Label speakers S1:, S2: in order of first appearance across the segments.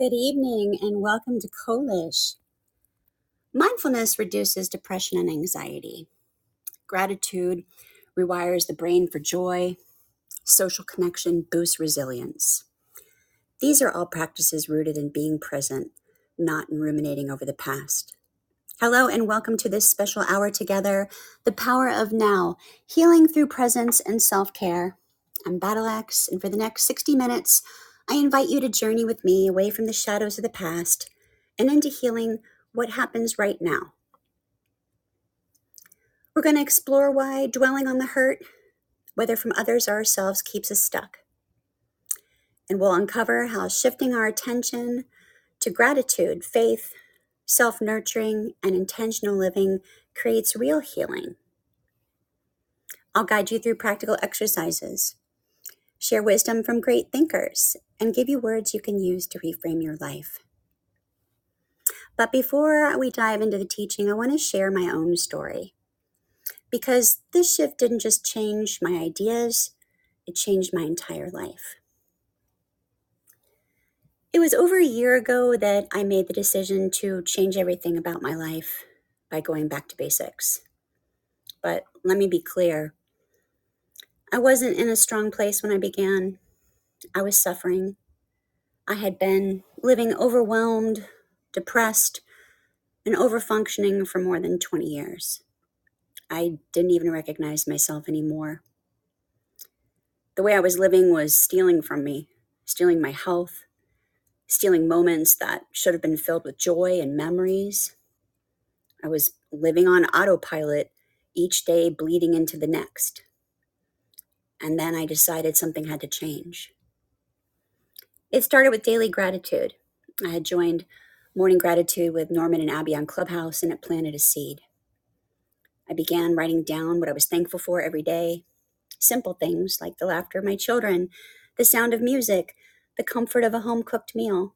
S1: Good evening and welcome to Kolish. Mindfulness reduces depression and anxiety. Gratitude rewires the brain for joy, social connection boosts resilience. These are all practices rooted in being present, not in ruminating over the past. Hello, and welcome to this special hour together The Power of Now, Healing Through Presence and Self Care. I'm Battle Axe, and for the next 60 minutes, I invite you to journey with me away from the shadows of the past and into healing what happens right now. We're going to explore why dwelling on the hurt whether from others or ourselves, keeps us stuck. And we'll uncover how shifting our attention to gratitude, faith, self nurturing, and intentional living creates real healing. I'll guide you through practical exercises, share wisdom from great thinkers, and give you words you can use to reframe your life. But before we dive into the teaching, I want to share my own story because this shift didn't just change my ideas, it changed my entire life. It was over a year ago that I made the decision to change everything about my life by going back to basics. But let me be clear I wasn't in a strong place when I began. I was suffering. I had been living overwhelmed, depressed, and overfunctioning for more than 20 years. I didn't even recognize myself anymore. The way I was living was stealing from me, stealing my health, stealing moments that should have been filled with joy and memories. I was living on autopilot each day, bleeding into the next. And then I decided something had to change. It started with daily gratitude. I had joined Morning Gratitude with Norman and Abby on Clubhouse, and it planted a seed. I began writing down what I was thankful for every day simple things like the laughter of my children, the sound of music, the comfort of a home cooked meal.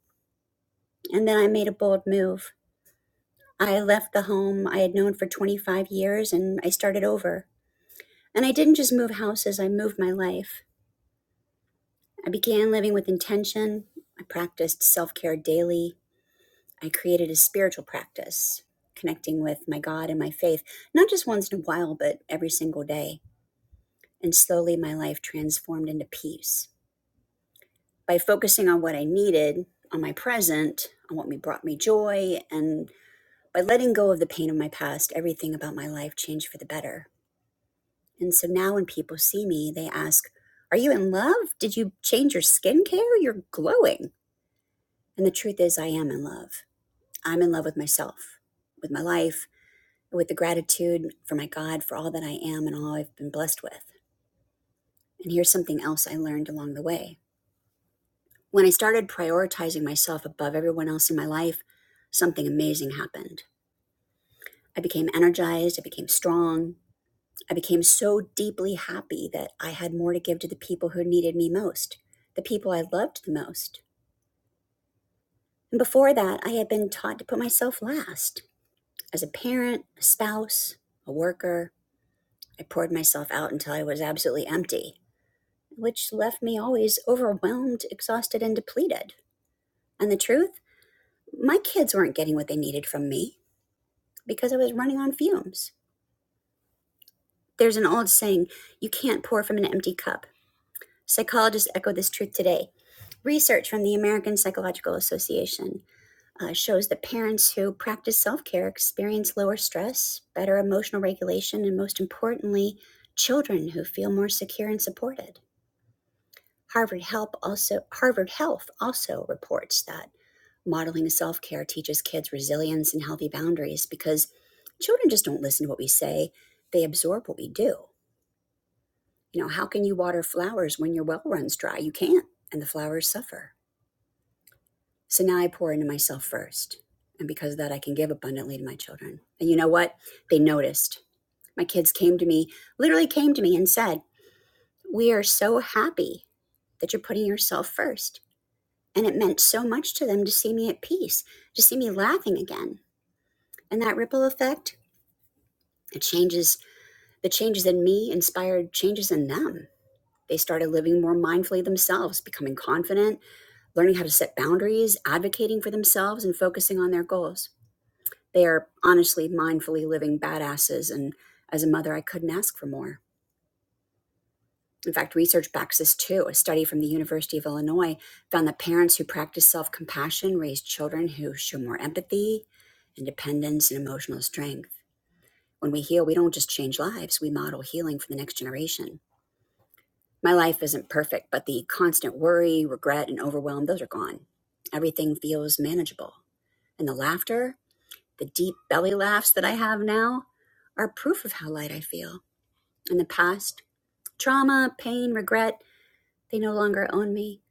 S1: And then I made a bold move. I left the home I had known for 25 years and I started over. And I didn't just move houses, I moved my life. I began living with intention. I practiced self care daily. I created a spiritual practice, connecting with my God and my faith, not just once in a while, but every single day. And slowly my life transformed into peace. By focusing on what I needed, on my present, on what me- brought me joy, and by letting go of the pain of my past, everything about my life changed for the better. And so now when people see me, they ask, Are you in love? Did you change your skincare? You're glowing. And the truth is, I am in love. I'm in love with myself, with my life, with the gratitude for my God, for all that I am and all I've been blessed with. And here's something else I learned along the way. When I started prioritizing myself above everyone else in my life, something amazing happened. I became energized, I became strong, I became so deeply happy that I had more to give to the people who needed me most, the people I loved the most. And before that, I had been taught to put myself last. As a parent, a spouse, a worker, I poured myself out until I was absolutely empty, which left me always overwhelmed, exhausted, and depleted. And the truth, my kids weren't getting what they needed from me because I was running on fumes. There's an old saying you can't pour from an empty cup. Psychologists echo this truth today. Research from the American Psychological Association uh, shows that parents who practice self care experience lower stress, better emotional regulation, and most importantly, children who feel more secure and supported. Harvard Help also Harvard Health also reports that modeling self care teaches kids resilience and healthy boundaries because children just don't listen to what we say; they absorb what we do. You know, how can you water flowers when your well runs dry? You can't, and the flowers suffer. So now I pour into myself first. And because of that, I can give abundantly to my children. And you know what? They noticed. My kids came to me, literally came to me and said, We are so happy that you're putting yourself first." And it meant so much to them to see me at peace, to see me laughing again. And that ripple effect, it changes the changes in me inspired changes in them. They started living more mindfully themselves, becoming confident, learning how to set boundaries, advocating for themselves, and focusing on their goals. They are honestly mindfully living badasses, and as a mother, I couldn't ask for more. In fact, research backs this too. A study from the University of Illinois found that parents who practice self compassion raise children who show more empathy, independence, and emotional strength. When we heal, we don't just change lives, we model healing for the next generation. My life isn't perfect, but the constant worry, regret, and overwhelm, those are gone. Everything feels manageable. And the laughter, The deep belly laughs that I have now are proof of how light I feel. In the past, trauma, pain, regret, they no longer own me.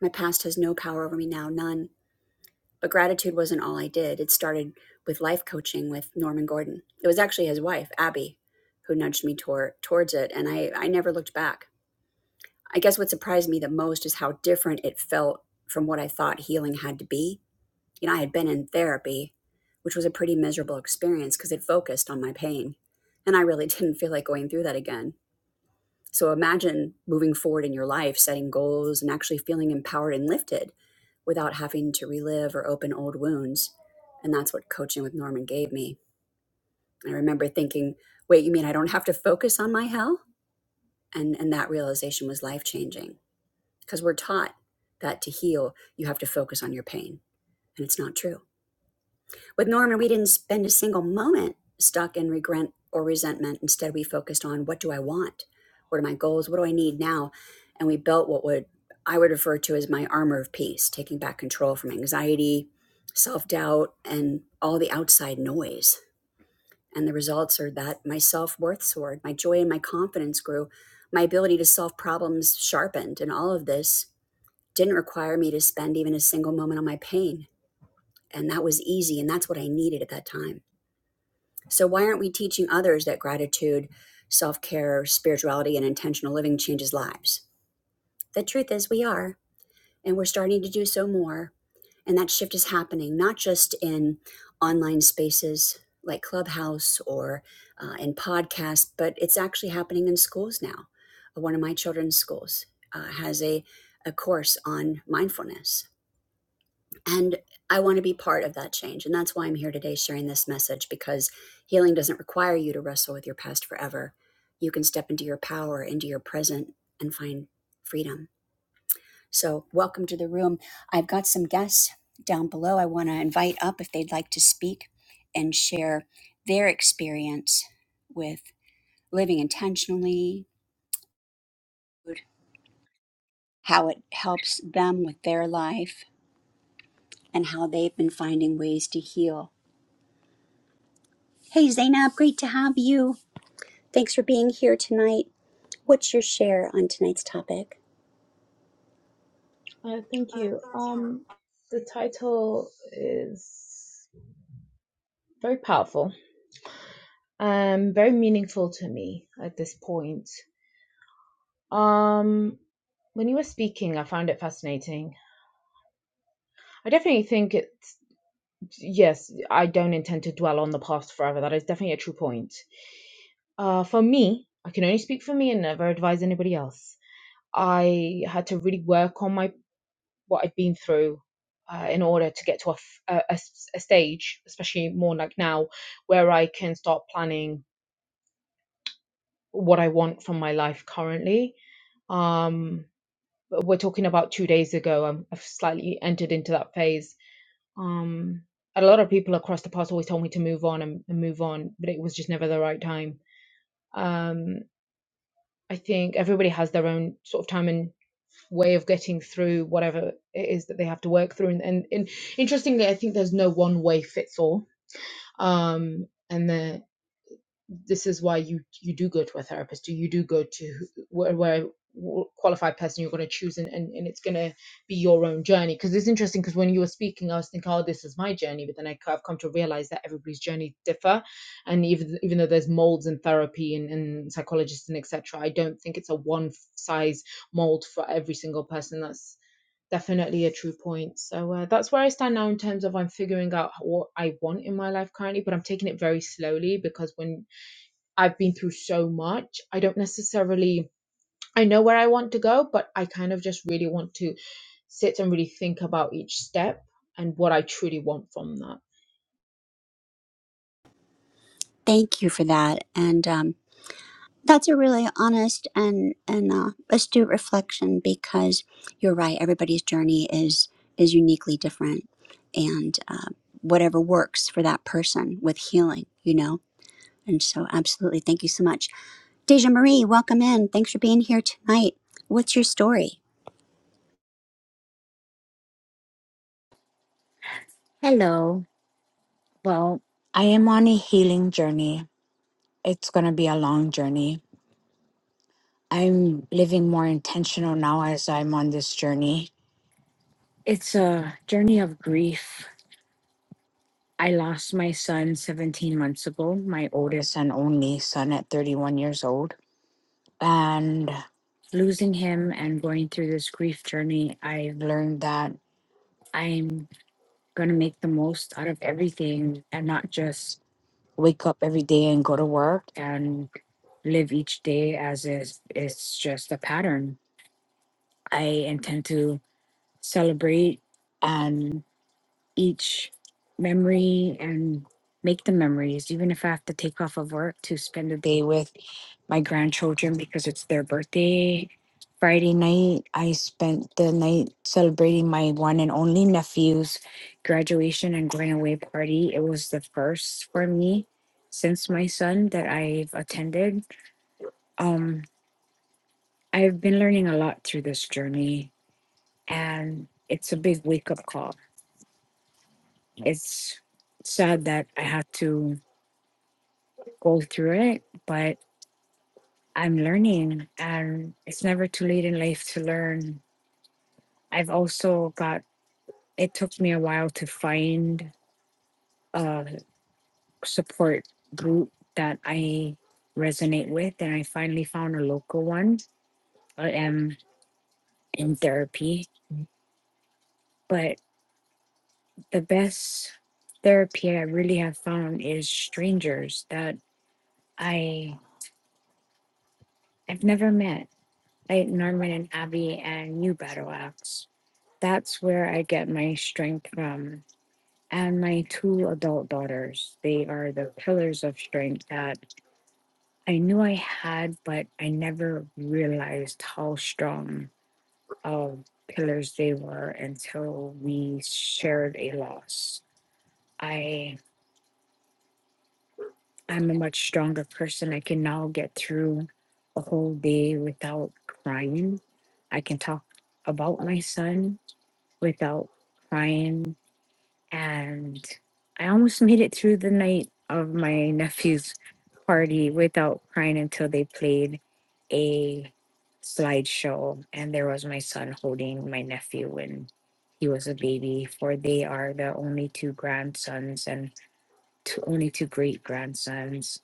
S1: My past has no power over me now, none. But gratitude wasn't all I did. It started with life coaching with Norman Gordon. It was actually his wife, Abby, who nudged me tor- towards it, and I, I never looked back. I guess what surprised me the most is how different it felt from what I thought healing had to be You know, I had been in therapy, which was a pretty miserable experience because it focused on my pain. And I really didn't feel like going through that again. So imagine moving forward in your life, setting goals and actually feeling empowered and lifted without having to relive or open old wounds. And that's what coaching with Norman gave me. I remember thinking, wait, you mean I don't have to focus on my hell? And, and that realization was life changing because we're taught that to heal, you have to focus on your pain. And it's not true. With Norman, we didn't spend a single moment stuck in regret or resentment. Instead, we focused on what do I want? What are my goals? What do I need now? And we built what would I would refer to as my armor of peace, taking back control from anxiety, self doubt, and all the outside noise. And the results are that my self worth soared, my joy and my confidence grew, my ability to solve problems sharpened. And all of this didn't require me to spend even a single moment on my pain. And that was easy. And that's what I needed at that time. So, why aren't we teaching others that gratitude, self care, spirituality, and intentional living changes lives? The truth is, we are, and we're starting to do so more. And that shift is happening, not just in online spaces like Clubhouse or uh, in podcasts, but it's actually happening in schools now. One of my children's schools uh, has a, a course on mindfulness and I want to be part of that change. And that's why I'm here today sharing this message because healing doesn't require you to wrestle with your past forever. You can step into your power, into your present, and find freedom. So, welcome to the room. I've got some guests down below I want to invite up if they'd like to speak and share their experience with living intentionally, how it helps them with their life, and how they've been finding ways to heal Hey, Zainab, great to have you. Thanks for being here tonight. What's your share on tonight's topic?
S2: Uh, thank you. Um, the title is very powerful and very meaningful to me at this point. Um, when you were speaking, I found it fascinating. I definitely think it, yes, I don't intend to dwell on the past forever. That is definitely a true point. Uh, for me, I can only speak for me and never advise anybody else. I had to really work on my. what I'd been through uh, in order to get to a a a stage, especially more like now, where I can start planning what I want from my life currently. Um, but we're talking about two days ago. I'm, I've slightly entered into that phase. Um, a lot of people across the past always told me to move on and, and move on, but it was just never the right time. Um, I think everybody has their own sort of time and way of getting through whatever it is that they have to work through. And, and, and interestingly, I think there's no one way fits all. Um, and the, this is why you you do go to a therapist, or you do go to where, where qualified person you're going to choose, and, and, and it's going to be your own journey. Because it's interesting, because when you were speaking, I was thinking, oh, this is my journey, but then I, have come to realize that everybody's journey differ, and even even though there's molds in therapy and, and psychologists and etc., I don't think it's a one size mold for every single person. That's definitely a true point. So uh, that's where I stand now in terms of I'm figuring out what I want in my life currently, but I'm taking it very slowly because when I've been through so much, I don't necessarily I know where I want to go, but I kind of just really want to sit and really think about each step and what I truly want from that.
S1: Thank you for that. And um, that's a really honest and, and uh, astute reflection because you're right. Everybody's journey is, is uniquely different. And uh, whatever works for that person with healing, you know? And so, absolutely. Thank you so much. Deja Marie, welcome in. Thanks for being here tonight. What's your story?
S3: Hello. Well, I am on a healing journey. It's going to be a long journey. I'm living more intentional now as I'm on this journey. It's a journey of grief. I lost my son 17 months ago, my oldest and only son at 31 years old. And losing him and going through this grief journey, I've learned that I'm going to make the most out of everything and not just wake up every day and go to work and live each day as is it's just a pattern. I intend to celebrate and each memory and make the memories, even if I have to take off of work to spend a day with my grandchildren because it's their birthday. Friday night, I spent the night celebrating my one and only nephew's graduation and going away party. It was the first for me since my son that I've attended. Um, I've been learning a lot through this journey, and it's a big wake up call. It's sad that I had to go through it, but I'm learning and it's never too late in life to learn. I've also got, it took me a while to find a support group that I resonate with, and I finally found a local one. I am in therapy, but the best therapy I really have found is strangers that I have never met, like Norman and Abby and you, Battle Axe that's where I get my strength from. And my two adult daughters, they are the pillars of strength that I knew I had, but I never realized how strong of pillars they were until we shared a loss. I I'm a much stronger person. I can now get through a whole day without crying. I can talk about my son without crying and I almost made it through the night of my nephew's party without crying until they played a slideshow, and there was my son holding my nephew when he was a baby. For they are the only two grandsons and two, only two great grandsons.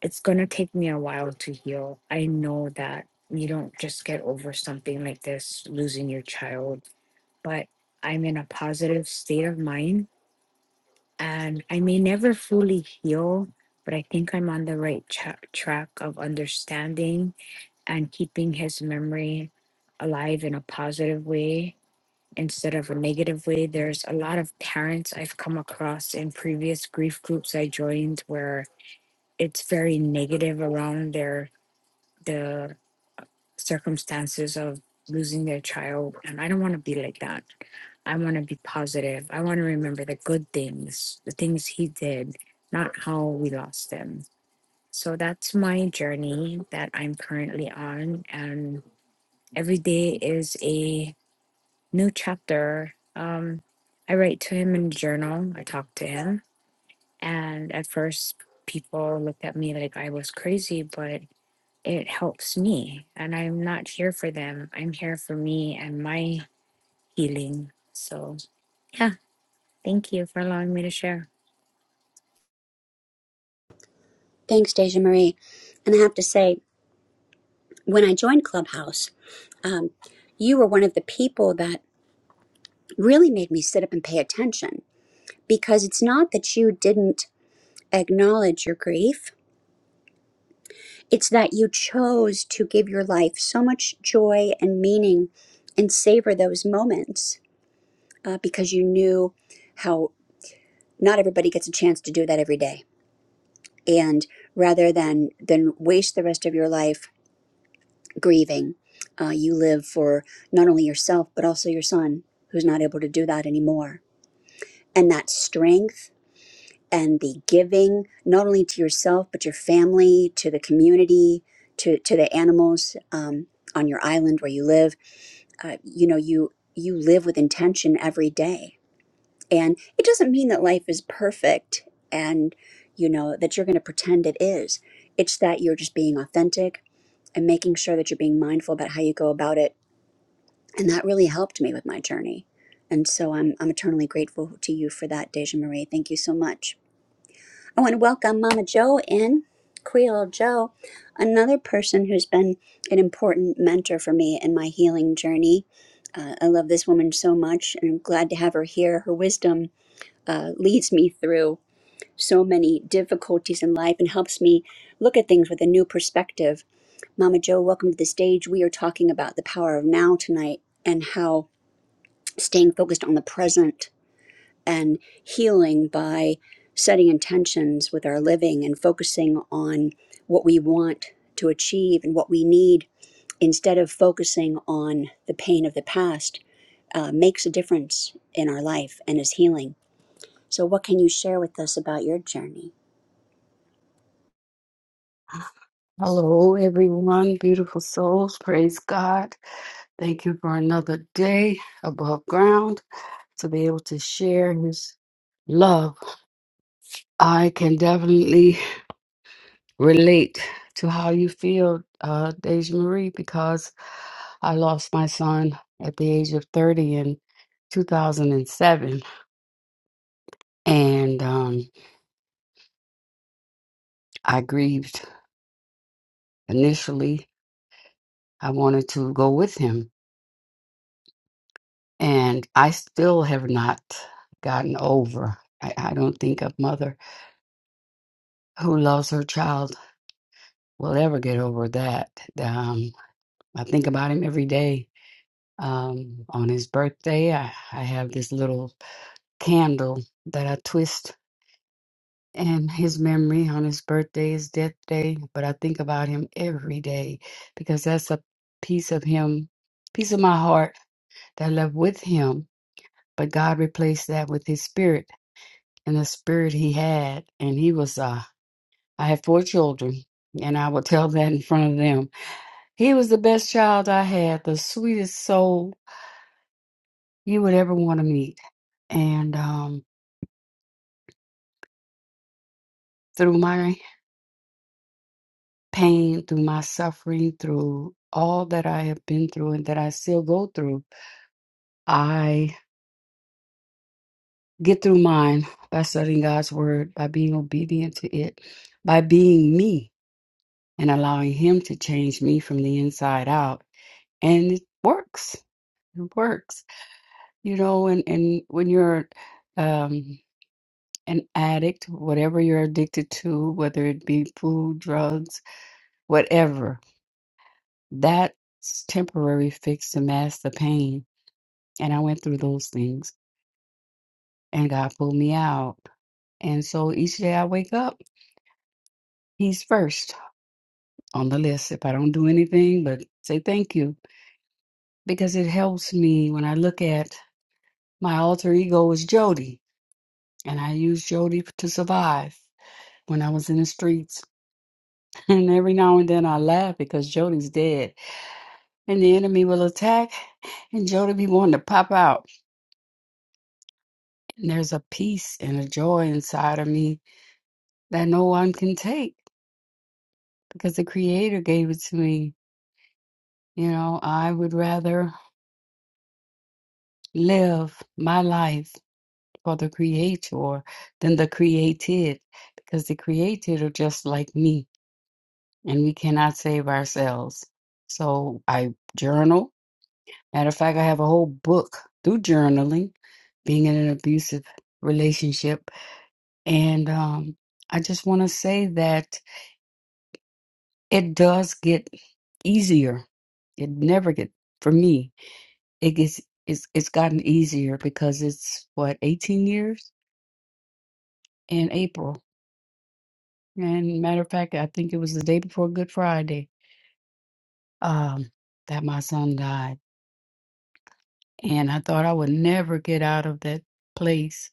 S3: It's gonna take me a while to heal. I know that you don't just get over something like this, losing your child, but I'm in a positive state of mind and I may never fully heal, but I think I'm on the right tra- track of understanding and keeping his memory alive in a positive way instead of a negative way. There's a lot of parents I've come across in previous grief groups I joined where it's very negative around their the circumstances of losing their child and I don't want to be like that. I want to be positive. I want to remember the good things, the things he did, not how we lost him. So that's my journey that I'm currently on. And every day is a new chapter. Um, I write to him in a journal, I talk to him. And at first, people looked at me like I was crazy, but it helps me. And I'm not here for them, I'm here for me and my healing. So yeah. Thank you for allowing me to share.
S1: Thanks, Deja Marie. And I have to say, when I joined Clubhouse, um, you were one of the people that really made me sit up and pay attention because it's not that you didn't acknowledge your grief, it's that you chose to give your life so much joy and meaning and savor those moments uh, because you knew how not everybody gets a chance to do that every day. And rather than, than waste the rest of your life grieving. Uh, you live for not only yourself, but also your son, who's not able to do that anymore. And that strength and the giving, not only to yourself, but your family, to the community, to, to the animals um, on your island where you live, uh, you know, you, you live with intention every day. And it doesn't mean that life is perfect and, you know, that you're going to pretend it is. It's that you're just being authentic and making sure that you're being mindful about how you go about it and that really helped me with my journey. And so I'm I'm eternally grateful to you for that, Deja Marie. Thank you so much. I want to welcome Mama Joe in, Creole Joe, another person who's been an important mentor for me in my healing journey. Uh, I love this woman so much, and I'm glad to have her here. Her wisdom uh, leads me through so many difficulties in life and helps me look at things with a new perspective. Mama Joe, welcome to the stage. We are talking about the power of now tonight and how staying focused on the present and healing by setting intentions with our living and focusing on what we want to achieve and what we need instead of focusing on the pain of the past uh, makes a difference in our life and is healing. So, what can you share with us about your journey?
S4: Hello, everyone, beautiful souls. Praise God. Thank you for another day above ground to be able to share His love. I can definitely relate to how you feel, uh, Deja Marie, because I lost my son at the age of 30 in 2007, and seven, and um, I grieved initially. I wanted to go with him And I still have not gotten over. I, I don't think a mother who loves her child will ever get over that. Um, I think about him every day. Um, on his birthday, I, I have this little candle that I twist in his memory on his birthday, his death day. But I think about him every day because that's a piece of him, piece of my heart that I left with him. But God replaced that with his spirit and the spirit he had. And he was, uh, I had four children, and I would tell that in front of them. He was the best child I had, the sweetest soul you would ever want to meet. And um, through my pain, through my suffering, through all that I have been through and that I still go through, I get through mine by studying God's word, by being obedient to it, by being me and allowing Him to change me from the inside out. And it works It works, you know, and, and when you're um, an addict, whatever you're addicted to, whether it be food, drugs, whatever, that's temporary fix to mask the pain. And I went through those things and God pulled me out. And so each day I wake up, He's first on the list. If I don't do anything but say thank you, because it helps me when I look at my alter ego is Jody, and I use Jody to survive. when I was in the streets. And every now and then I laugh because Jody's dead and the enemy will attack and Jody be wanting to pop out. And there's a peace and a joy inside of me that no one can take because the Creator gave it to me. You know, I would rather live my life for the Creator than the created because the created are just like me and we cannot save ourselves. So I journal Matter of fact, I have a whole book through journaling, being in an abusive relationship. And um, I just want to say that it does get easier. It never get for me. It gets it's it's gotten easier because it's what 18 years in April. And matter of fact, I think it was the day before Good Friday um, that my son died, and I thought I would never get out of that place,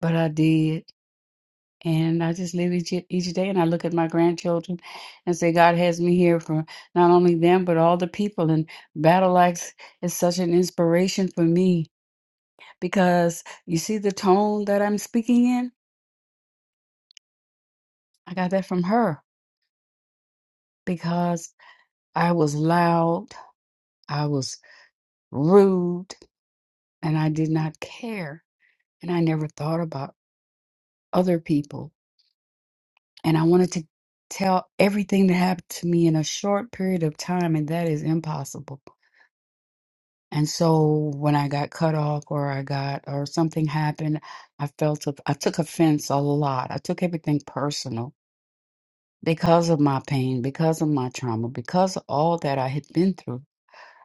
S4: but I did And I just live each each day, and I look at my grandchildren and say, God has me here for not only them but all the people. And Battle Axe is such an inspiration for me because you see the tone that I'm speaking in. I got that from her because I was loud, I was rude, and I did not care, and I never thought about other people. And I wanted to tell everything that happened to me in a short period of time, and that is impossible. And so when I got cut off or I got or something happened, I felt of- I took offense a lot. I took everything personal because of my pain, because of my trauma, because of all that I had been through.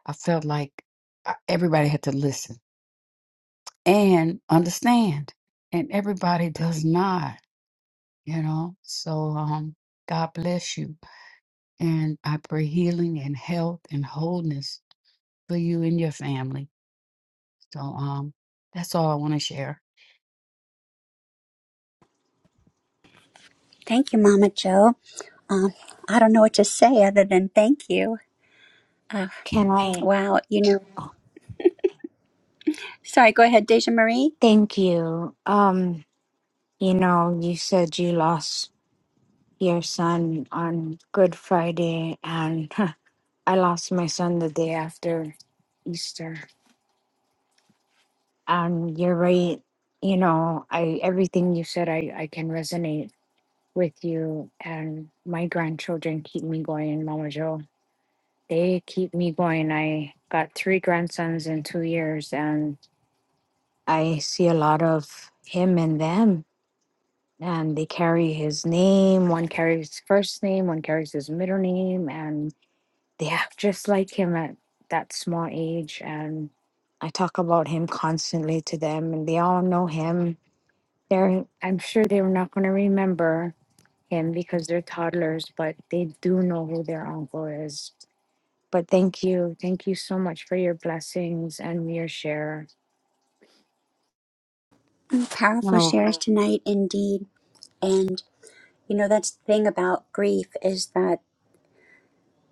S4: I felt like I- everybody had to listen and understand, and everybody does not, you know. So um God bless you and I pray healing and health and wholeness for you and your family. So um that's all I want to share.
S1: Thank you, Mama Joe. Um, I don't know what to say other than thank you. Uh,
S3: Can I?
S1: wow, you know.
S3: Oh,
S1: Sorry, go ahead, Deja Marie.
S3: thank you. Um, you know, you said you lost your son on Good Friday, and I lost my son the day after Easter. And you're right. You know, I everything you said, I I can resonate with you. And my grandchildren keep me going, Mama Joe. They keep me going. I got three grandsons in two years, and. I see a lot of him and them, and they carry his name. One carries his first name, one carries his middle name, and they act just like him at that small age. And I talk about him constantly to them, and they all know him. They're, I'm sure they're not going to remember him because they're toddlers, but they do know who their uncle is. But thank you. Thank you so much for your blessings and your share.
S1: Powerful shares tonight, indeed. And You know, that's the thing about grief is that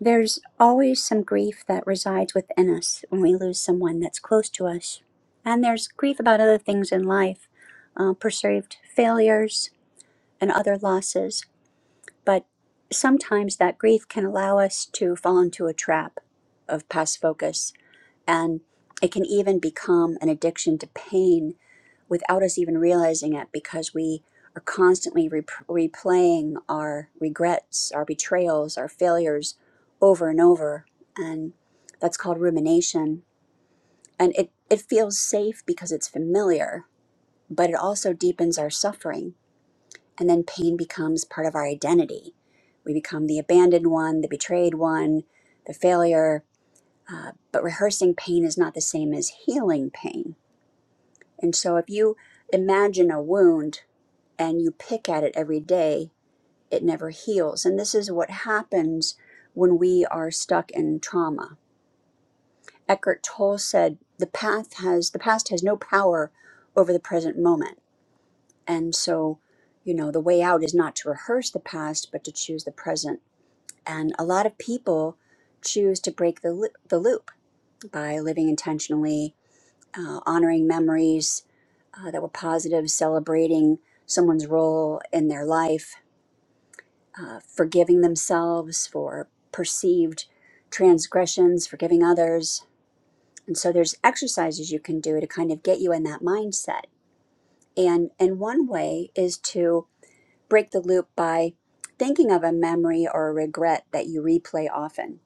S1: there's always some grief that resides within us when we lose someone that's close to us. And there's grief about other things in life, uh, perceived failures and other losses. But sometimes that grief can allow us to fall into a trap of past focus. And it can even become an addiction to pain without us even realizing it because we are constantly rep- replaying our regrets, our betrayals, our failures over and over. And that's called rumination. And it, it feels safe because it's familiar, but it also deepens our suffering. And then pain becomes part of our identity. We become the abandoned one, the betrayed one, the failure. Uh, but rehearsing pain is not the same as healing pain. And so if you imagine a wound and you pick at it every day, it never heals. And this is what happens when we are stuck in trauma. Eckhart Tolle said, "The path has the past has no power over the present moment." And so, you know, the way out is not to rehearse the past, but to choose the present. And a lot of people choose to break the loop, the loop by living intentionally, uh, honoring memories uh, that were positive, celebrating someone's role in their life, uh, forgiving themselves for perceived transgressions, forgiving others. And so there's exercises you can do to kind of get you in that mindset. And and one way is to break the loop by thinking of a memory or a regret that you replay often,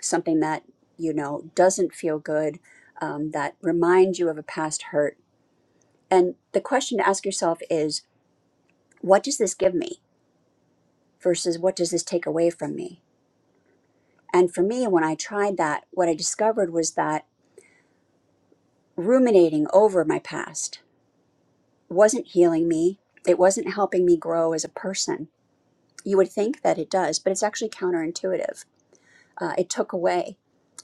S1: something that you know doesn't feel good, um, that reminds you of a past hurt. And the question to ask yourself is, what does this give me versus what does this take away from me? And for me, when I tried that, what I discovered was that ruminating over my past wasn't healing me. It wasn't helping me grow as a person. You would think that it does, but it's actually counterintuitive. Uh, it took away,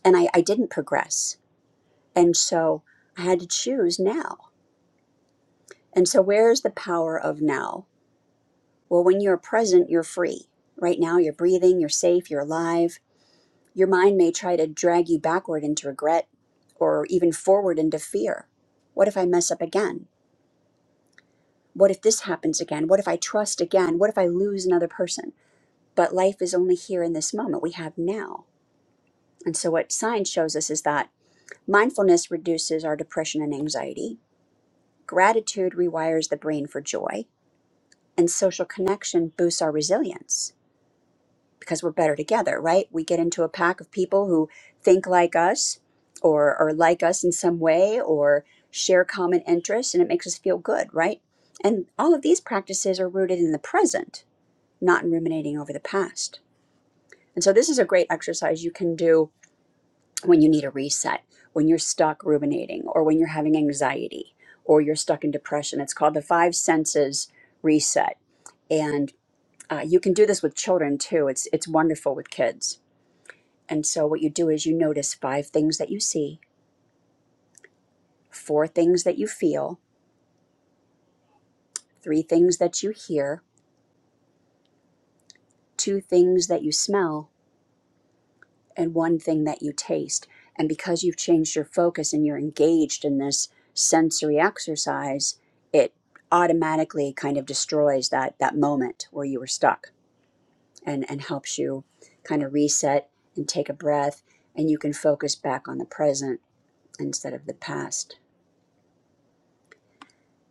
S1: and I, I didn't progress. And so I had to choose now. And so, where's the power of now? Well, when you're present, you're free. Right now, you're breathing, you're safe, you're alive Your mind may try to drag you backward into regret or even forward into fear. What if I mess up again? What if this happens again? What if I trust again? What if I lose another person? But life is only here in this moment we have now. And so, what science shows us is that mindfulness reduces our depression and anxiety, gratitude rewires the brain for joy, and social connection boosts our resilience. because we're better together, right? We get into a pack of people who think like us or or like us in some way or share common interests and it makes us feel good, right? And all of these practices are rooted in the present, not in ruminating over the past. And so this is a great exercise you can do when you need a reset, when you're stuck ruminating or when you're having anxiety or you're stuck in depression. It's called the five senses reset. And uh, you can do this with children too. It's it's wonderful with kids. And so what you do is you notice five things that you see, four things that you feel, three things that you hear, two things that you smell, and one thing that you taste. And because you've changed your focus and you're engaged in this sensory exercise, it automatically kind of destroys that that moment where you were stuck and and helps you kind of reset and take a breath and you can focus back on the present instead of the past.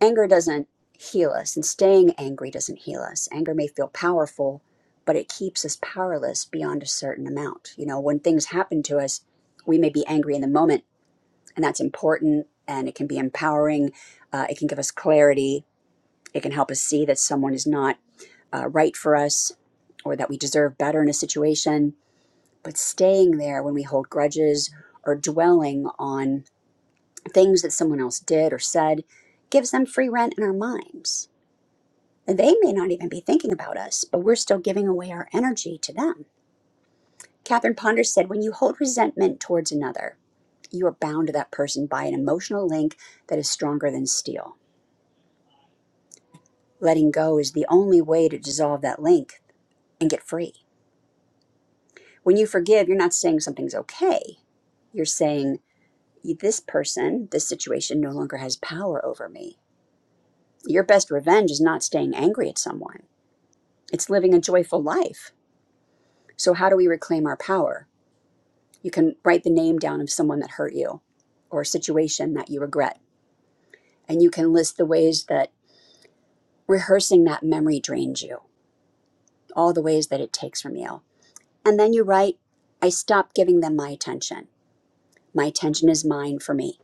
S1: anger doesn't heal us and staying angry doesn't heal us anger may feel powerful but it keeps us powerless beyond a certain amount you know when things happen to us we may be angry in the moment and that's important and it can be empowering uh, it can give us clarity it can help us see that someone is not uh, right for us or that we deserve better in a situation but staying there when we hold grudges or dwelling on things that someone else did or said gives them free rent in our minds they may not even be thinking about us, but we're still giving away our energy to them. Catherine Ponder said, When you hold resentment towards another, you are bound to that person by an emotional link that is stronger than steel. Letting go is the only way to dissolve that link and get free. When you forgive, you're not saying something's okay. You're saying, This person, this situation no longer has power over me. Your best revenge is not staying angry at someone, it's living a joyful life. So, how do we reclaim our power? You can write the name down of someone that hurt you or a situation that you regret. And you can list the ways that rehearsing that memory drains you, all the ways that it takes from you. And then you write, I stopped giving them my attention. My attention is mine for me.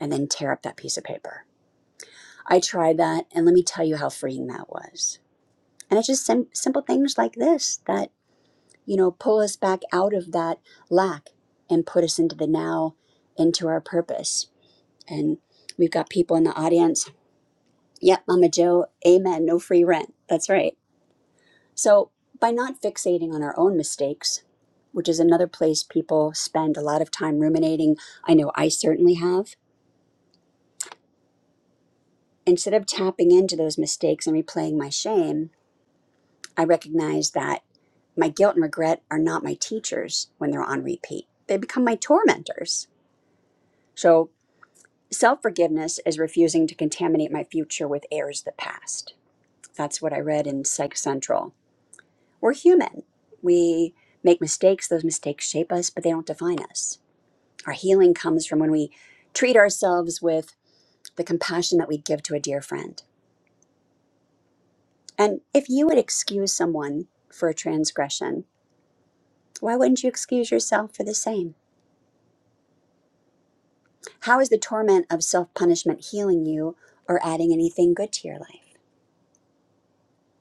S1: And then tear up that piece of paper. I tried that, and let me tell you how freeing that was. And it's just sim- simple things like this that, you know, pull us back out of that lack and put us into the now, into our purpose And we've got people in the audience. Yep, Mama Joe, amen, no free rent. That's right. So, by not fixating on our own mistakes, which is another place people spend a lot of time ruminating, I know I certainly have, instead of tapping into those mistakes and replaying my shame, I recognize that my guilt and regret are not my teachers when they're on repeat. They become my tormentors. So, self forgiveness is refusing to contaminate my future with errors of the past. That's what I read in Psych Central. We're human. We make mistakes. Those mistakes shape us, but they don't define us. Our healing comes from when we treat ourselves with the compassion that we'd give to a dear friend. And if you would excuse someone for a transgression, why wouldn't you excuse yourself for the same? How is the torment of self punishment healing you or adding anything good to your life?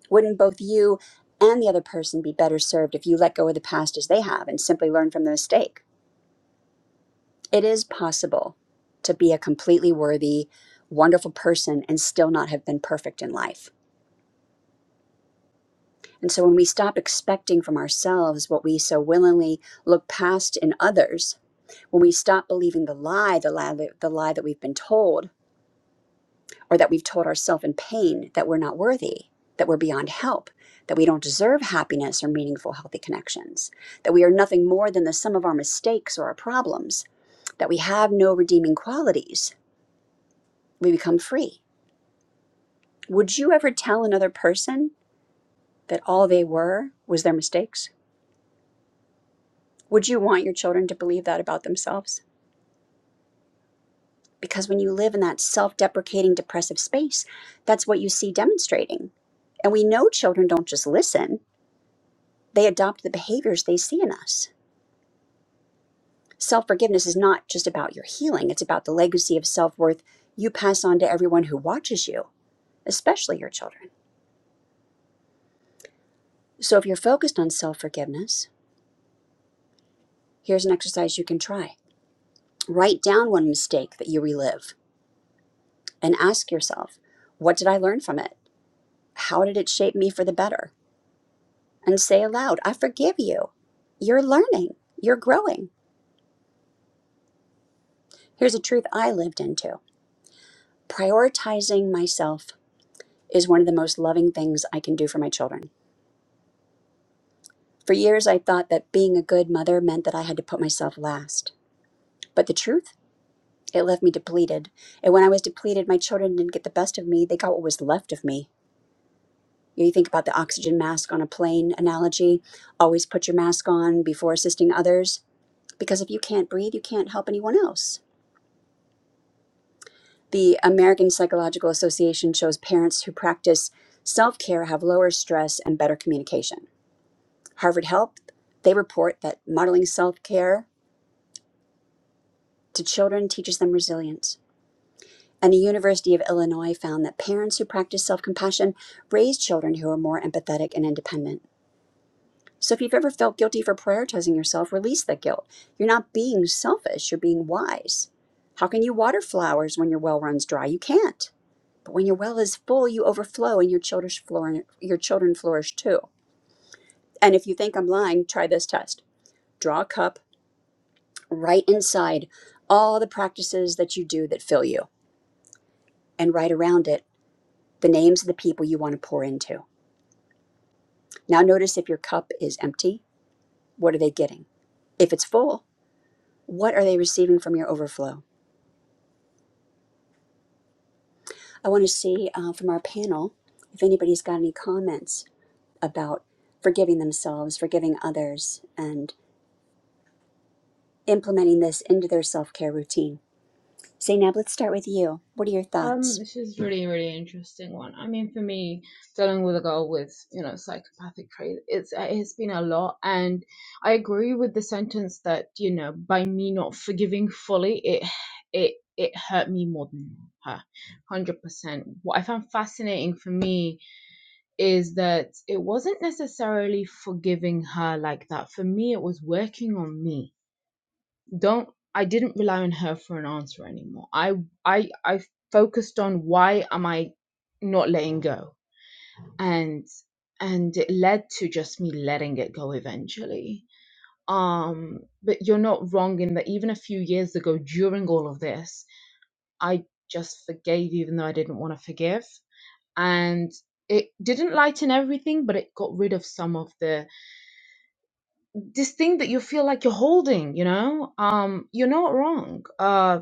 S1: Wouldn't both you and the other person be better served if you let go of the past as they have and simply learn from the mistake? It is possible to be a completely worthy, wonderful person and still not have been perfect in life. And so when we stop expecting from ourselves what we so willingly look past in others, when we stop believing the lie, the lie, the lie that we've been told, or that we've told ourselves in pain that we're not worthy, that we're beyond help, that we don't deserve happiness or meaningful, healthy connections, that we are nothing more than the sum of our mistakes or our problems, that we have no redeeming qualities, we become free Would you ever tell another person that all they were was their mistakes? Would you want your children to believe that about themselves? Because when you live in that self deprecating, depressive space, that's what you see demonstrating. And we know children don't just listen, they adopt the behaviors they see in us. Self forgiveness is not just about your healing, it's about the legacy of self worth you pass on to everyone who watches you, especially your children. So if you're focused on self forgiveness, here's an exercise you can try. Write down one mistake that you relive and ask yourself, what did I learn from it? How did it shape me for the better? And say aloud, I forgive you. You're learning, you're growing. Here's a truth I lived into prioritizing myself is one of the most loving things I can do for my children. For years, I thought that being a good mother meant that I had to put myself last. But the truth, it left me depleted. And when I was depleted, my children didn't get the best of me, they got what was left of me. You, think about the oxygen mask on a plane analogy. Always put your mask on before assisting others because if you can't breathe, you can't help anyone else. The American Psychological Association shows parents who practice self care have lower stress and better communication. Harvard Health, they report that modeling self care to children teaches them resilience. And the University of Illinois found that parents who practice self compassion raise children who are more empathetic and independent. So if you've ever felt guilty for prioritizing yourself, release that guilt. You're not being selfish, you're being wise. How can you water flowers when your well runs dry? You can't. But when your well is full, you overflow and your children flourish, your children flourish too. And if you think I'm lying, try this test. Draw a cup write inside all the practices that you do that fill you and write around it the names of the people you want to pour into. Now notice if your cup is empty, what are they getting? If it's full, what are they receiving from your overflow? I want to see uh, from our panel if anybody's got any comments about forgiving themselves, forgiving others, and implementing this into their self care routine. Zainab, let's start with you. What are your
S2: Um,
S1: thoughts?
S2: this is really, really interesting one. I mean, for me, dealing with a girl with, you know, psychopathic traits, it's it's been a lot, and I agree with the sentence that, you know, by me not forgiving fully, it it it hurt me more than her, hundred percent. What I found fascinating for me is that it wasn't necessarily forgiving her like that. For me, it was working on me don't i didn't rely on her for an answer anymore i i i focused on why am i not letting go and and it led to just me letting it go eventually um but you're not wrong in that even a few years ago during all of this i just forgave even though i didn't want to forgive and it didn't lighten everything but it got rid of some of the this thing that you feel like you're holding you know um you're not wrong uh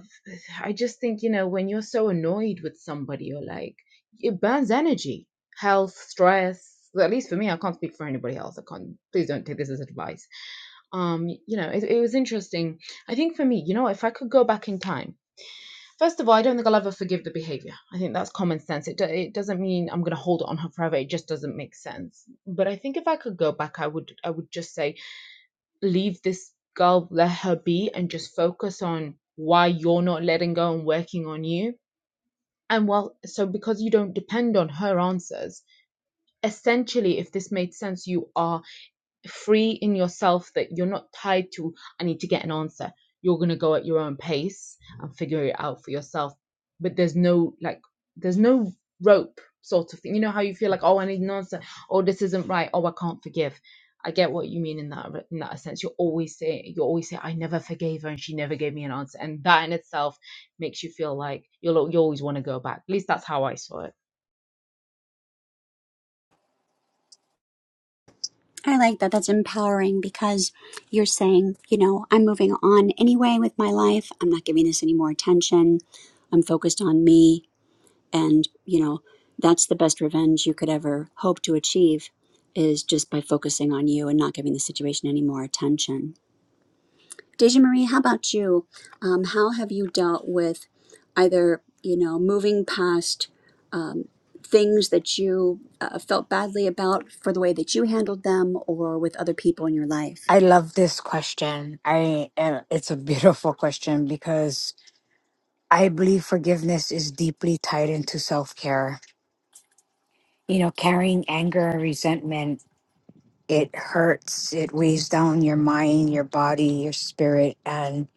S2: i just think you know when you're so annoyed with somebody you're like it burns energy health stress well, at least for me i can't speak for anybody else i can't please don't take this as advice um you know it, it was interesting i think for me you know if i could go back in time first of all i don't think i'll ever forgive the behavior i think that's common sense it, do- it doesn't mean i'm going to hold it on her forever it just doesn't make sense but i think if i could go back i would i would just say leave this girl, let her be, and just focus on why you're not letting go and working on you. And well, so because you don't depend on her answers, essentially, if this made sense, you are free in yourself that you're not tied to i need to get an answer you're going to go at your own pace and figure it out for yourself but there's no like there's no rope sort of thing you know how you feel like oh i need an answer oh this isn't right oh i can't forgive i get what you mean in that in that sense you always say you always say i never forgave her and she never gave me an answer and that in itself makes you feel like you'll you always want to go back at least that's how i saw it
S1: I like that. That's empowering because you're saying, you know, I'm moving on anyway with my life. I'm not giving this any more attention. I'm focused on me. And, you know, that's the best revenge you could ever hope to achieve is just by focusing on you and not giving the situation any more attention. Deja Marie, how about you? Um, how have you dealt with either you know moving past um, things that you uh, felt badly about for the way that you handled them, or with other people in your life?
S3: I love this question. I and it's a beautiful question because I believe forgiveness is deeply tied into self-care. You know, carrying anger and resentment, it hurts, it weighs down your mind, your body, your spirit and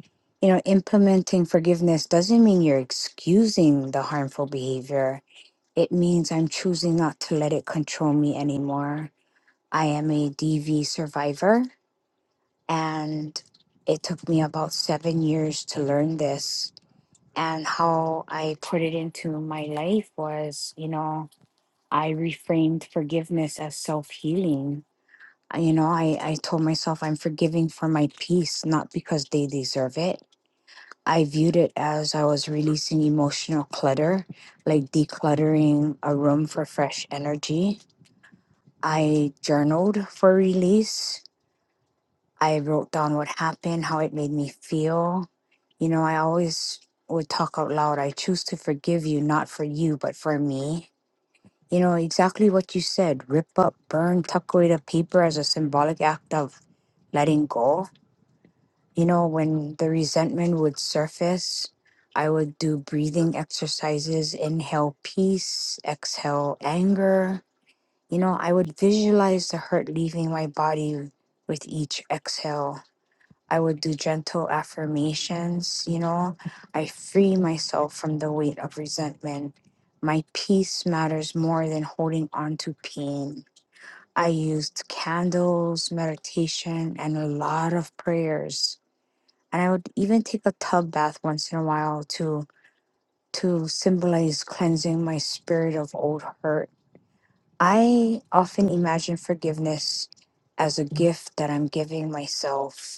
S3: you know, implementing forgiveness doesn't mean you're excusing the harmful behavior. It means I'm choosing not to let it control me anymore. I am a DV survivor And it took me about seven years to learn this. And how I put it into my life was, you know, I reframed forgiveness as self healing. You know, I, I told myself I'm forgiving for my peace, not because they deserve it. I viewed it as I was releasing emotional clutter, like decluttering a room for fresh energy. I journaled for release I wrote down what happened, how it made me feel. You know, I always would talk out loud. I choose to forgive you, not for you, but for me. You know, exactly what you said rip up, burn, tuck away the paper as a symbolic act of letting go. You know, when the resentment would surface, I would do breathing exercises, inhale peace, exhale anger. You know, I would visualize the hurt leaving my body with each exhale I would do gentle affirmations, you know. I free myself from the weight of resentment. My peace matters more than holding on to pain. I used candles, meditation, and a lot of prayers. And I would even take a tub bath once in a while to to symbolize cleansing my spirit of old hurt. I often imagine forgiveness as a gift that I'm giving myself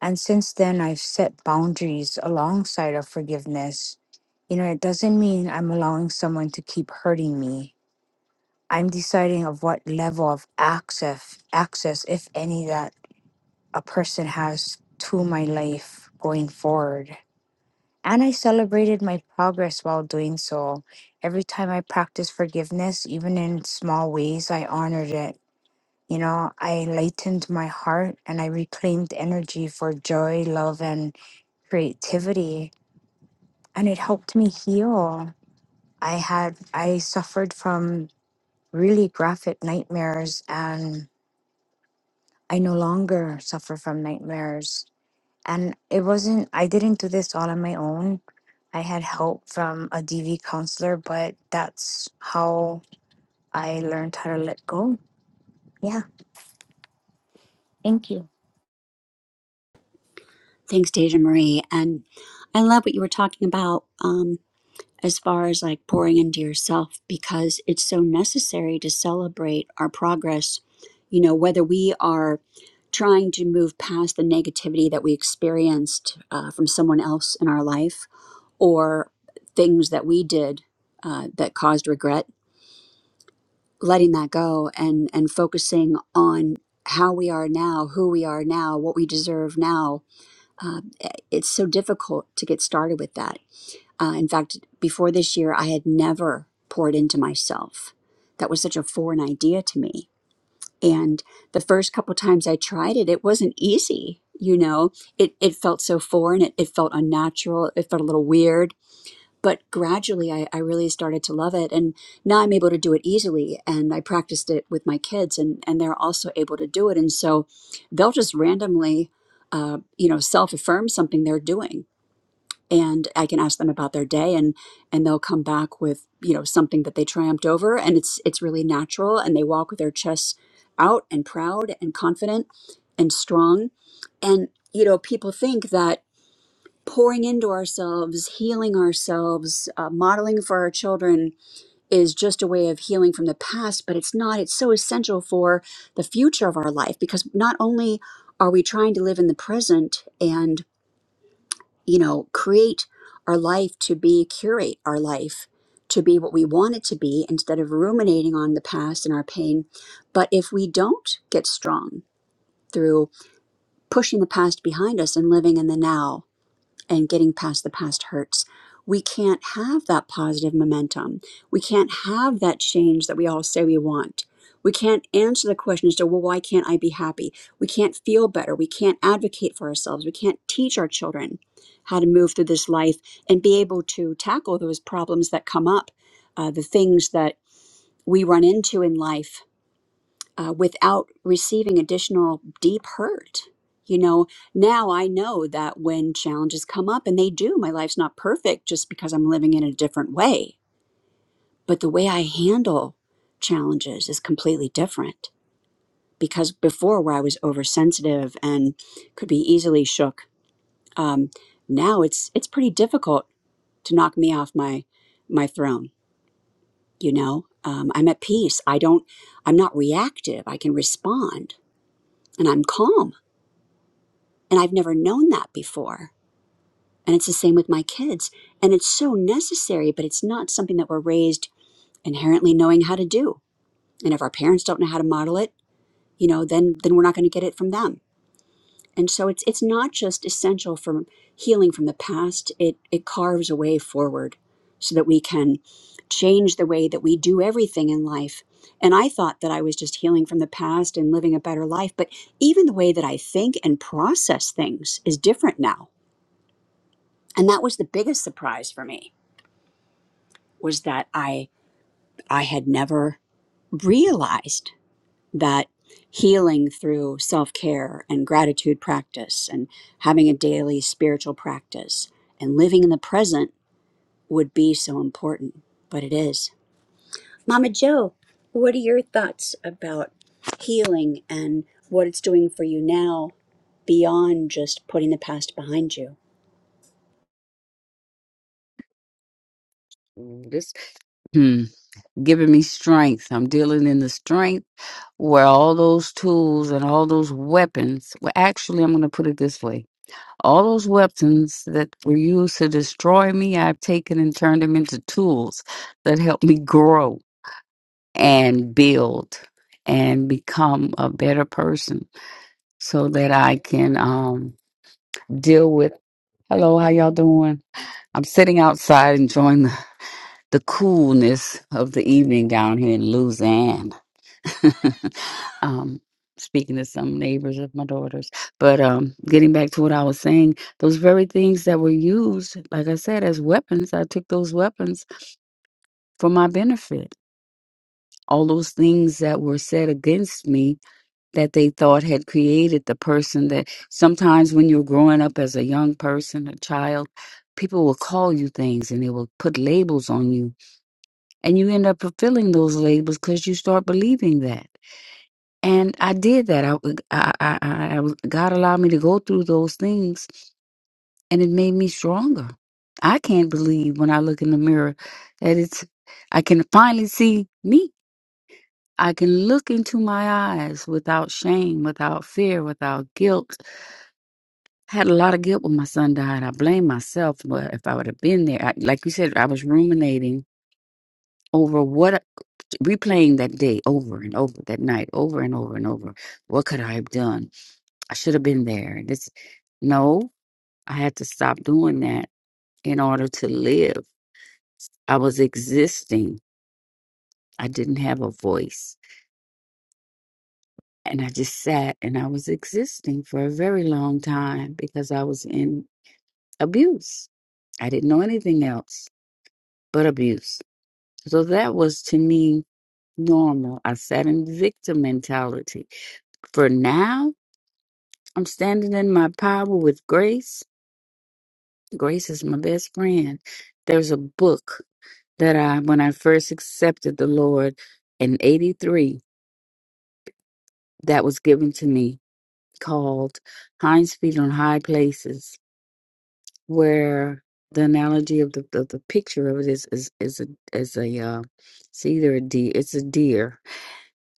S3: and since then, I've set boundaries alongside of forgiveness. You know, it doesn't mean I'm allowing someone to keep hurting me. I'm deciding of what level of access, access, if any, that a person has to my life going forward. And I celebrated my progress while doing so. Every time I practiced forgiveness, even in small ways, I honored it you know, I lightened my heart and I reclaimed energy for joy, love, and creativity. And it helped me heal. I had, I suffered from really graphic nightmares and I no longer suffer from nightmares. And it wasn't, I didn't do this all on my own. I had help from a DV counselor, but that's how I learned how to let go. Yeah. Thank you.
S1: Thanks, Deja Marie, and I love what you were talking about um, as far as like pouring into yourself because it's so necessary to celebrate our progress. You know whether we are trying to move past the negativity that we experienced uh, from someone else in our life or things that we did uh, that caused regret, letting that go and and focusing on how we are now, who we are now, what we deserve now. Uh, it's so difficult to get started with that. Uh, in fact, before this year, I had never poured into myself. That was such a foreign idea to me. And the first couple times I tried it, it wasn't easy. You know, it, it felt so foreign. It, it felt unnatural. It felt a little weird but gradually I, I really started to love it and now i'm able to do it easily and i practiced it with my kids and, and they're also able to do it and so they'll just randomly uh, you know self-affirm something they're doing and i can ask them about their day and and they'll come back with you know something that they triumphed over and it's it's really natural and they walk with their chests out and proud and confident and strong and you know people think that pouring into ourselves, healing ourselves, uh, modeling for our children is just a way of healing from the past, but it's not. It's so essential for the future of our life because not only are we trying to live in the present and, you know, create our life to be, curate our life to be what we want it to be instead of ruminating on the past and our pain, but if we don't get strong through pushing the past behind us and living in the now, and getting past the past hurts. We can't have that positive momentum. We can't have that change that we all say we want. We can't answer the question as to, well, why can't I be happy? We can't feel better. We can't advocate for ourselves. We can't teach our children how to move through this life and be able to tackle those problems that come up, uh, the things that we run into in life uh, without receiving additional deep hurt. You know, now I know that when challenges come up, and they do, my life's not perfect just because I'm living in a different way. But the way I handle challenges is completely different because before, where I was oversensitive and could be easily shook, um, now it's it's pretty difficult to knock me off my my throne. You know, um, I'm at peace. I don't. I'm not reactive. I can respond, and I'm calm And I've never known that before. And it's the same with my kids. And it's so necessary, but it's not something that we're raised inherently knowing how to do. And if our parents don't know how to model it, you know, then then we're not going to get it from them. And so it's it's not just essential for healing from the past. It it carves a way forward so that we can change the way that we do everything in life. And I thought that I was just healing from the past and living a better life, but even the way that I think and process things is different now and that was the biggest surprise for me was that i i had never realized that healing through self-care and gratitude practice and having a daily spiritual practice and living in the present would be so important but it is mama joe what are your thoughts about healing and what it's doing for you now beyond just putting the past behind you
S4: Mm, This hmm, giving me strength. I'm dealing in the strength where all those tools and all those weapons. Well, actually, I'm going to put it this way: all those weapons that were used to destroy me, I've taken and turned them into tools that help me grow and build and become a better person, so that I can um, deal with. Hello, how y'all doing? I'm sitting outside enjoying the, the coolness of the evening down here in Luzanne. um, speaking to some neighbors of my daughters. But um, getting back to what I was saying, those very things that were used, like I said, as weapons, I took those weapons for my benefit. All those things that were said against me that they thought had created the person that sometimes when you're growing up as a young person, a child, people will call you things and they will put labels on you. And you end up fulfilling those labels because you start believing that. And I did that. I, I, I, I, I was- God allowed me to go through those things, and it made me stronger. I can't believe when I look in the mirror that it's, I can finally see me. I can look into my eyes without shame, without fear, without guilt. I had a lot of guilt when my son died. I blame myself. But if I would have been there, I, like you said, I was ruminating over what, replaying that day over and over, that night over and over and over. What could I have done? I should have been there. This, no, I had to stop doing that in order to live. I was existing. I didn't have a voice. And I just sat and I was existing for a very long time because I was in abuse. I didn't know anything else but abuse. So that was to me normal. I sat in victim mentality. For now, I'm standing in my power with grace. Grace is my best friend. There's a book that I, when I first accepted the Lord in 83, that was given to me called Hinds Feet on High Places, where the analogy of the, the, the picture of it is, is, is a, is a uh, it's either a deer, it's a deer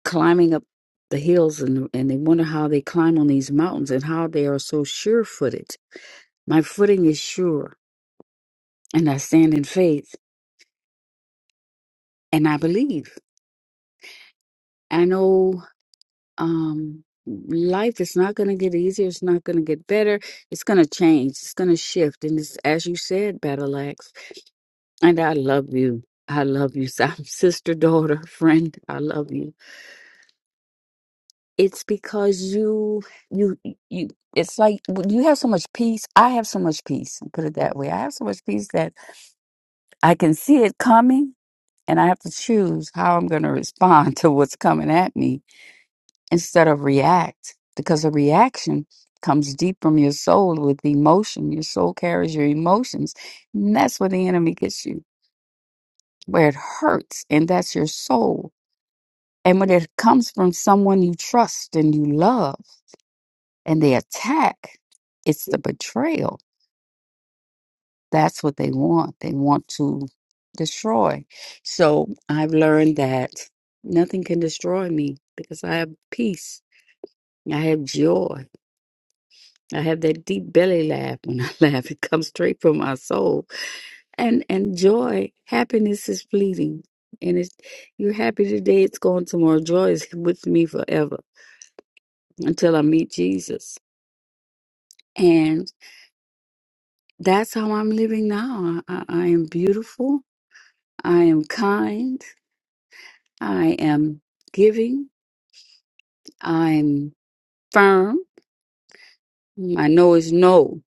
S4: climbing up the hills and, and they wonder how they climb on these mountains and how they are so sure footed. My footing is sure and I stand in faith and I believe. I know um life is not going to get easier it's not going to get better it's going to change it's going to shift and it's as you said battle axe and i love you i love you si- sister daughter friend i love you it's because you you you it's like you have so much peace i have so much peace put it that way i have so much peace that i can see it coming and i have to choose how i'm going to respond to what's coming at me instead of react because a reaction comes deep from your soul with emotion your soul carries your emotions and that's where the enemy gets you where it hurts and that's your soul and when it comes from someone you trust and you love and they attack it's the betrayal that's what they want they want to destroy so i've learned that nothing can destroy me because i have peace i have joy I have that deep belly laugh when I laugh. It comes straight from my soul. And and joy, happiness is fleeting. And it's you're happy today, it's gone tomorrow. Joy is with me forever until I meet Jesus. And that's how I'm living now. I, I I am beautiful. I am kind. I am giving. I'm firm. I know it's no.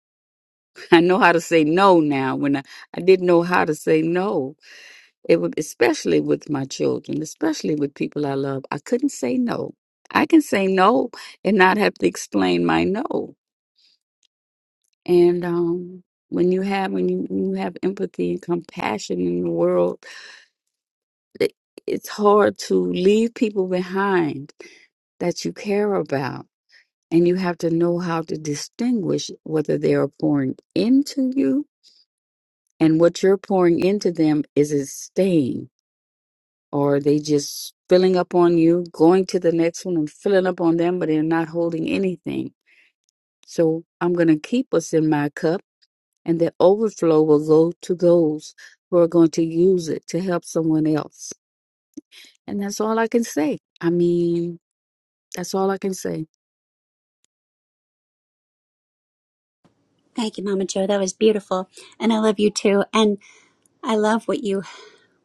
S4: I know how to say no now when I, I didn't know how to say no It would, especially with my children, especially with people I love. I couldn't say no. I can say no and not have to explain my no. And um, when you have when you, when you have empathy and compassion in the world, it, it's hard to leave people behind that you care about. And you have to know how to distinguish whether they are pouring into you and what you're pouring into them is it staying or they just filling up on you, going to the next one and filling up on them, but they're not holding anything. So I'm going to keep what's in my cup, and the overflow will go to those who are going to use it to help someone else. And that's all I can say. I mean, that's all I can say.
S1: thank you mama joe that was beautiful and i love you too and I love what you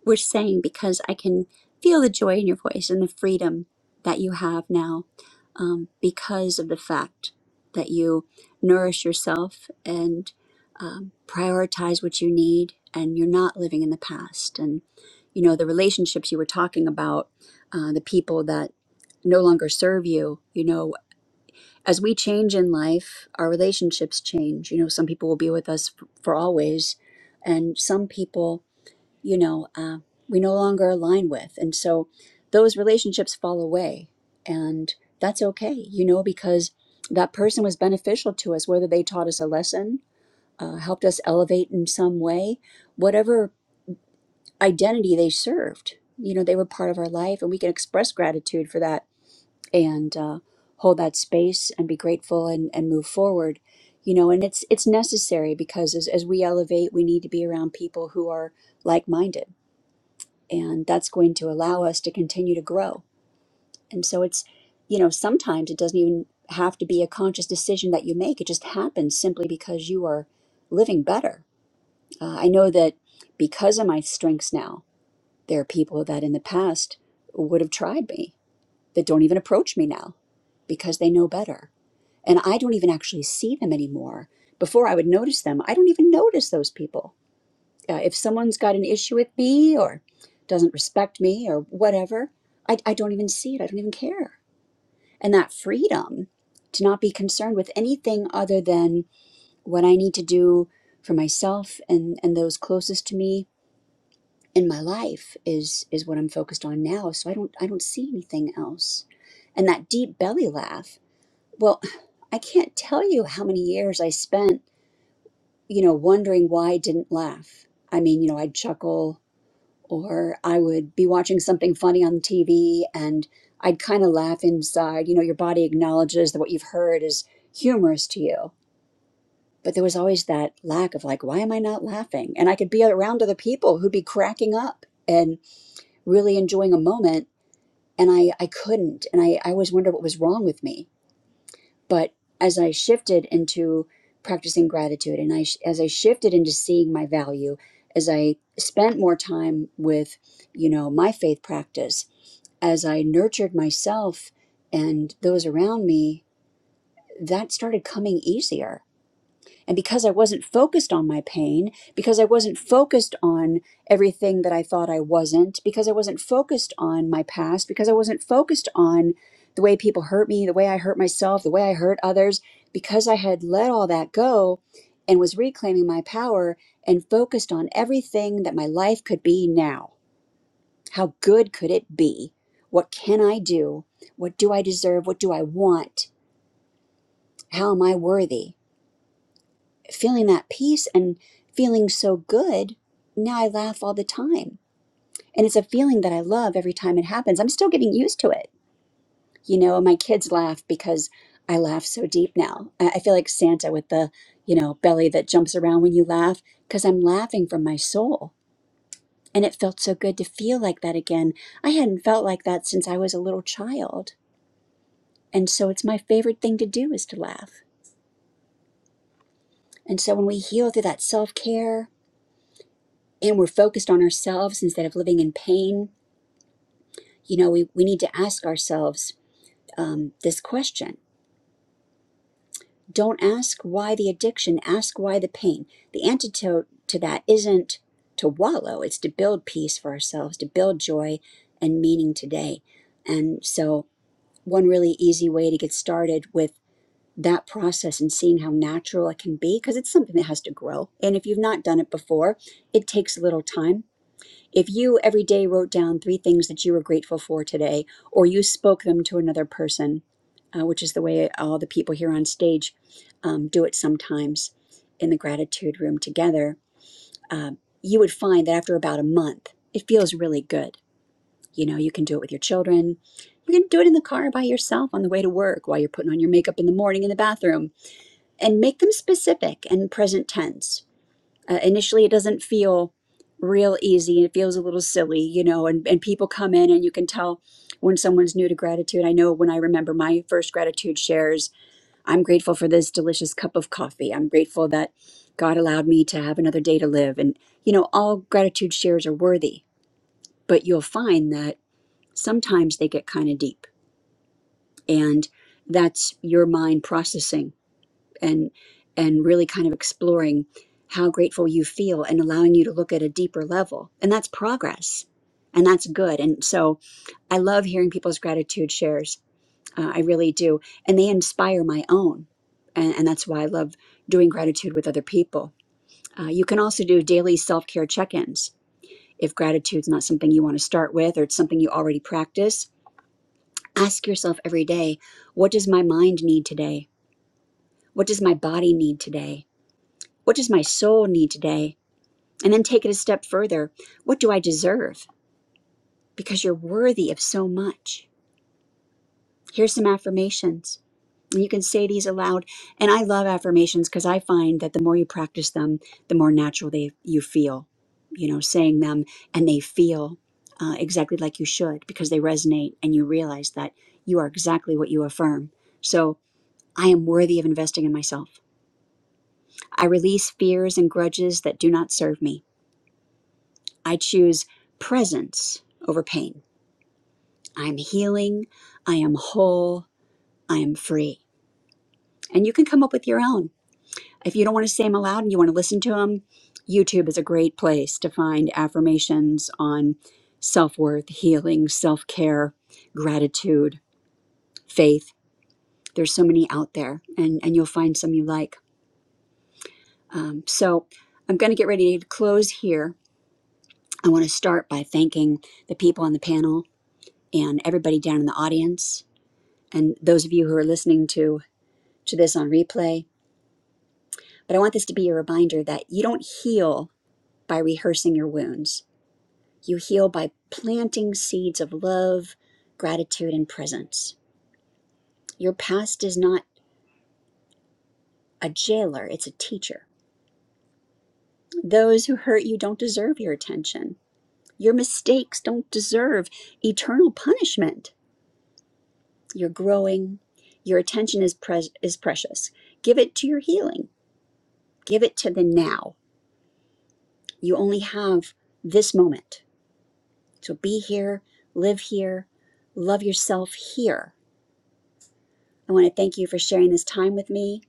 S1: we're saying because I can feel the joy in your voice and the freedom that you have now um, because of the fact that you nourish yourself and um, prioritize what you need and you're not living in the past and you know the relationships you were talking about uh, the people that no longer serve you you know as we change in life our relationships change you know some people will be with us f- for always and some people you know, uh, we no longer align with. And so those relationships fall away. And that's okay, you know, because that person was beneficial to us, whether they taught us a lesson, uh, helped us elevate in some way, whatever identity they served, you know, they were part of our life. And we can express gratitude for that and uh, hold that space and be grateful and, and move forward. You know, and it's it's necessary because as, as we elevate, we need to be around people who are like minded and that's going to allow us to continue to grow and so it's you know sometimes it doesn't even have to be a conscious decision that you make it just happens simply because you are living better uh, i know that because of my strengths now there are people that in the past would have tried me that don't even approach me now because they know better and i don't even actually see them anymore before i would notice them i don't even notice those people uh, if someone's got an issue with me or doesn't respect me or whatever, I, I don't even see it. I don't even care. And that freedom to not be concerned with anything other than what I need to do for myself and, and those closest to me in my life is is what I'm focused on now. So I don't I don't see anything else. And that deep belly laugh, well, I can't tell you how many years I spent, you know, wondering why I didn't laugh. I mean, you know, I'd chuckle or I would be watching something funny on TV and I'd kind of laugh inside. You know, your body acknowledges that what you've heard is humorous to you. But there was always that lack of, like, why am I not laughing? And I could be around other people who'd be cracking up and really enjoying a moment. And I, I couldn't. And I, I always wondered what was wrong with me. But as I shifted into practicing gratitude and I, sh- as I shifted into seeing my value, as I spent more time with, you know, my faith practice, as I nurtured myself and those around me, that started coming easier. And because I wasn't focused on my pain, because I wasn't focused on everything that I thought I wasn't, because I wasn't focused on my past, because I wasn't focused on the way people hurt me, the way I hurt myself, the way I hurt others, because I had let all that go and was reclaiming my power and focused on everything that my life could be now how good could it be? What can I do? What do I deserve? What do I want? How am I worthy? Feeling that peace and feeling so good, now I laugh all the time. And it's a feeling that I love every time it happens. I'm still getting used to it. You know, my kids laugh because I laugh so deep now. I I feel like Santa with the, you know, belly that jumps around when you laugh because I'm laughing from my soul. And it felt so good to feel like that again. I hadn't felt like that since I was a little child And so it's my favorite thing to do is to laugh. And so when we heal through that self care and we're focused on ourselves instead of living in pain, you know, we, we need to ask ourselves um, this question. Don't ask why the addiction, ask why the pain. The antidote to that isn't to wallow, it's to build peace for ourselves, to build joy and meaning today. And so, one really easy way to get started with that process and seeing how natural it can be because it's something that has to grow. And if you've not done it before, it takes a little time. If you every day wrote down three things that you were grateful for today, or you spoke them to another person, uh, which is the way all the people here on stage um, do it sometimes in the gratitude room together, uh, you would find that after about a month, it feels really good. You know, you can do it with your children. You can do it in the car by yourself on the way to work while you're putting on your makeup in the morning in the bathroom and make them specific and present tense. Uh, initially, it doesn't feel real easy. It feels a little silly, you know, and, and people come in and you can tell when someone's new to gratitude. I know when I remember my first gratitude shares, I'm grateful for this delicious cup of coffee. I'm grateful that God allowed me to have another day to live. And, you know, all gratitude shares are worthy, but you'll find that sometimes they get kind of deep. And that's your mind processing and and really kind of exploring how grateful you feel and allowing you to look at a deeper level and that's progress and that's good and so i love hearing people's gratitude shares uh, i really do and they inspire my own and, and that's why i love doing gratitude with other people uh, you can also do daily self-care check-ins if gratitude's not something you want to start with or it's something you already practice ask yourself every day what does my mind need today what does my body need today What does my soul need today? And then take it a step further. What do I deserve? Because you're worthy of so much. Here's some affirmations. And you can say these aloud. And I love affirmations because I find that the more you practice them, the more natural they you feel. You know, saying them and they feel uh, exactly like you should because they resonate and you realize that you are exactly what you affirm. So I am worthy of investing in myself. I release fears and grudges that do not serve me. I choose presence over pain. I'm healing. I am whole. I am free. And you can come up with your own. If you don't want to say them aloud and you want to listen to them, YouTube is a great place to find affirmations on self worth, healing, self care, gratitude, faith. There's so many out there, and, and you'll find some you like. Um, so I'm going to get ready to close here. I want to start by thanking the people on the panel and everybody down in the audience. and those of you who are listening to to this on replay but i want this to be a reminder that you don't heal by rehearsing your wounds you heal by planting seeds of love gratitude and presence your past is not a jailer it's a teacher those who hurt you don't deserve your attention your mistakes don't deserve eternal punishment you're growing your attention is pres is precious give it to your healing give it to the now You only have this moment. So be here, live here, love yourself here. I want to thank you for sharing this time with me.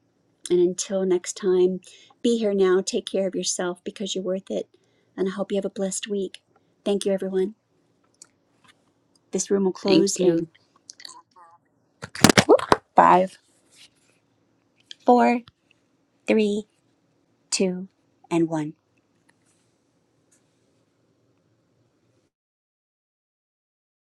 S1: And until next time, be here now. Take care of yourself because you're worth it. And I hope you have a blessed week. Thank you, everyone. This room will close
S4: Thank you.
S1: in five, four, three, two, and one.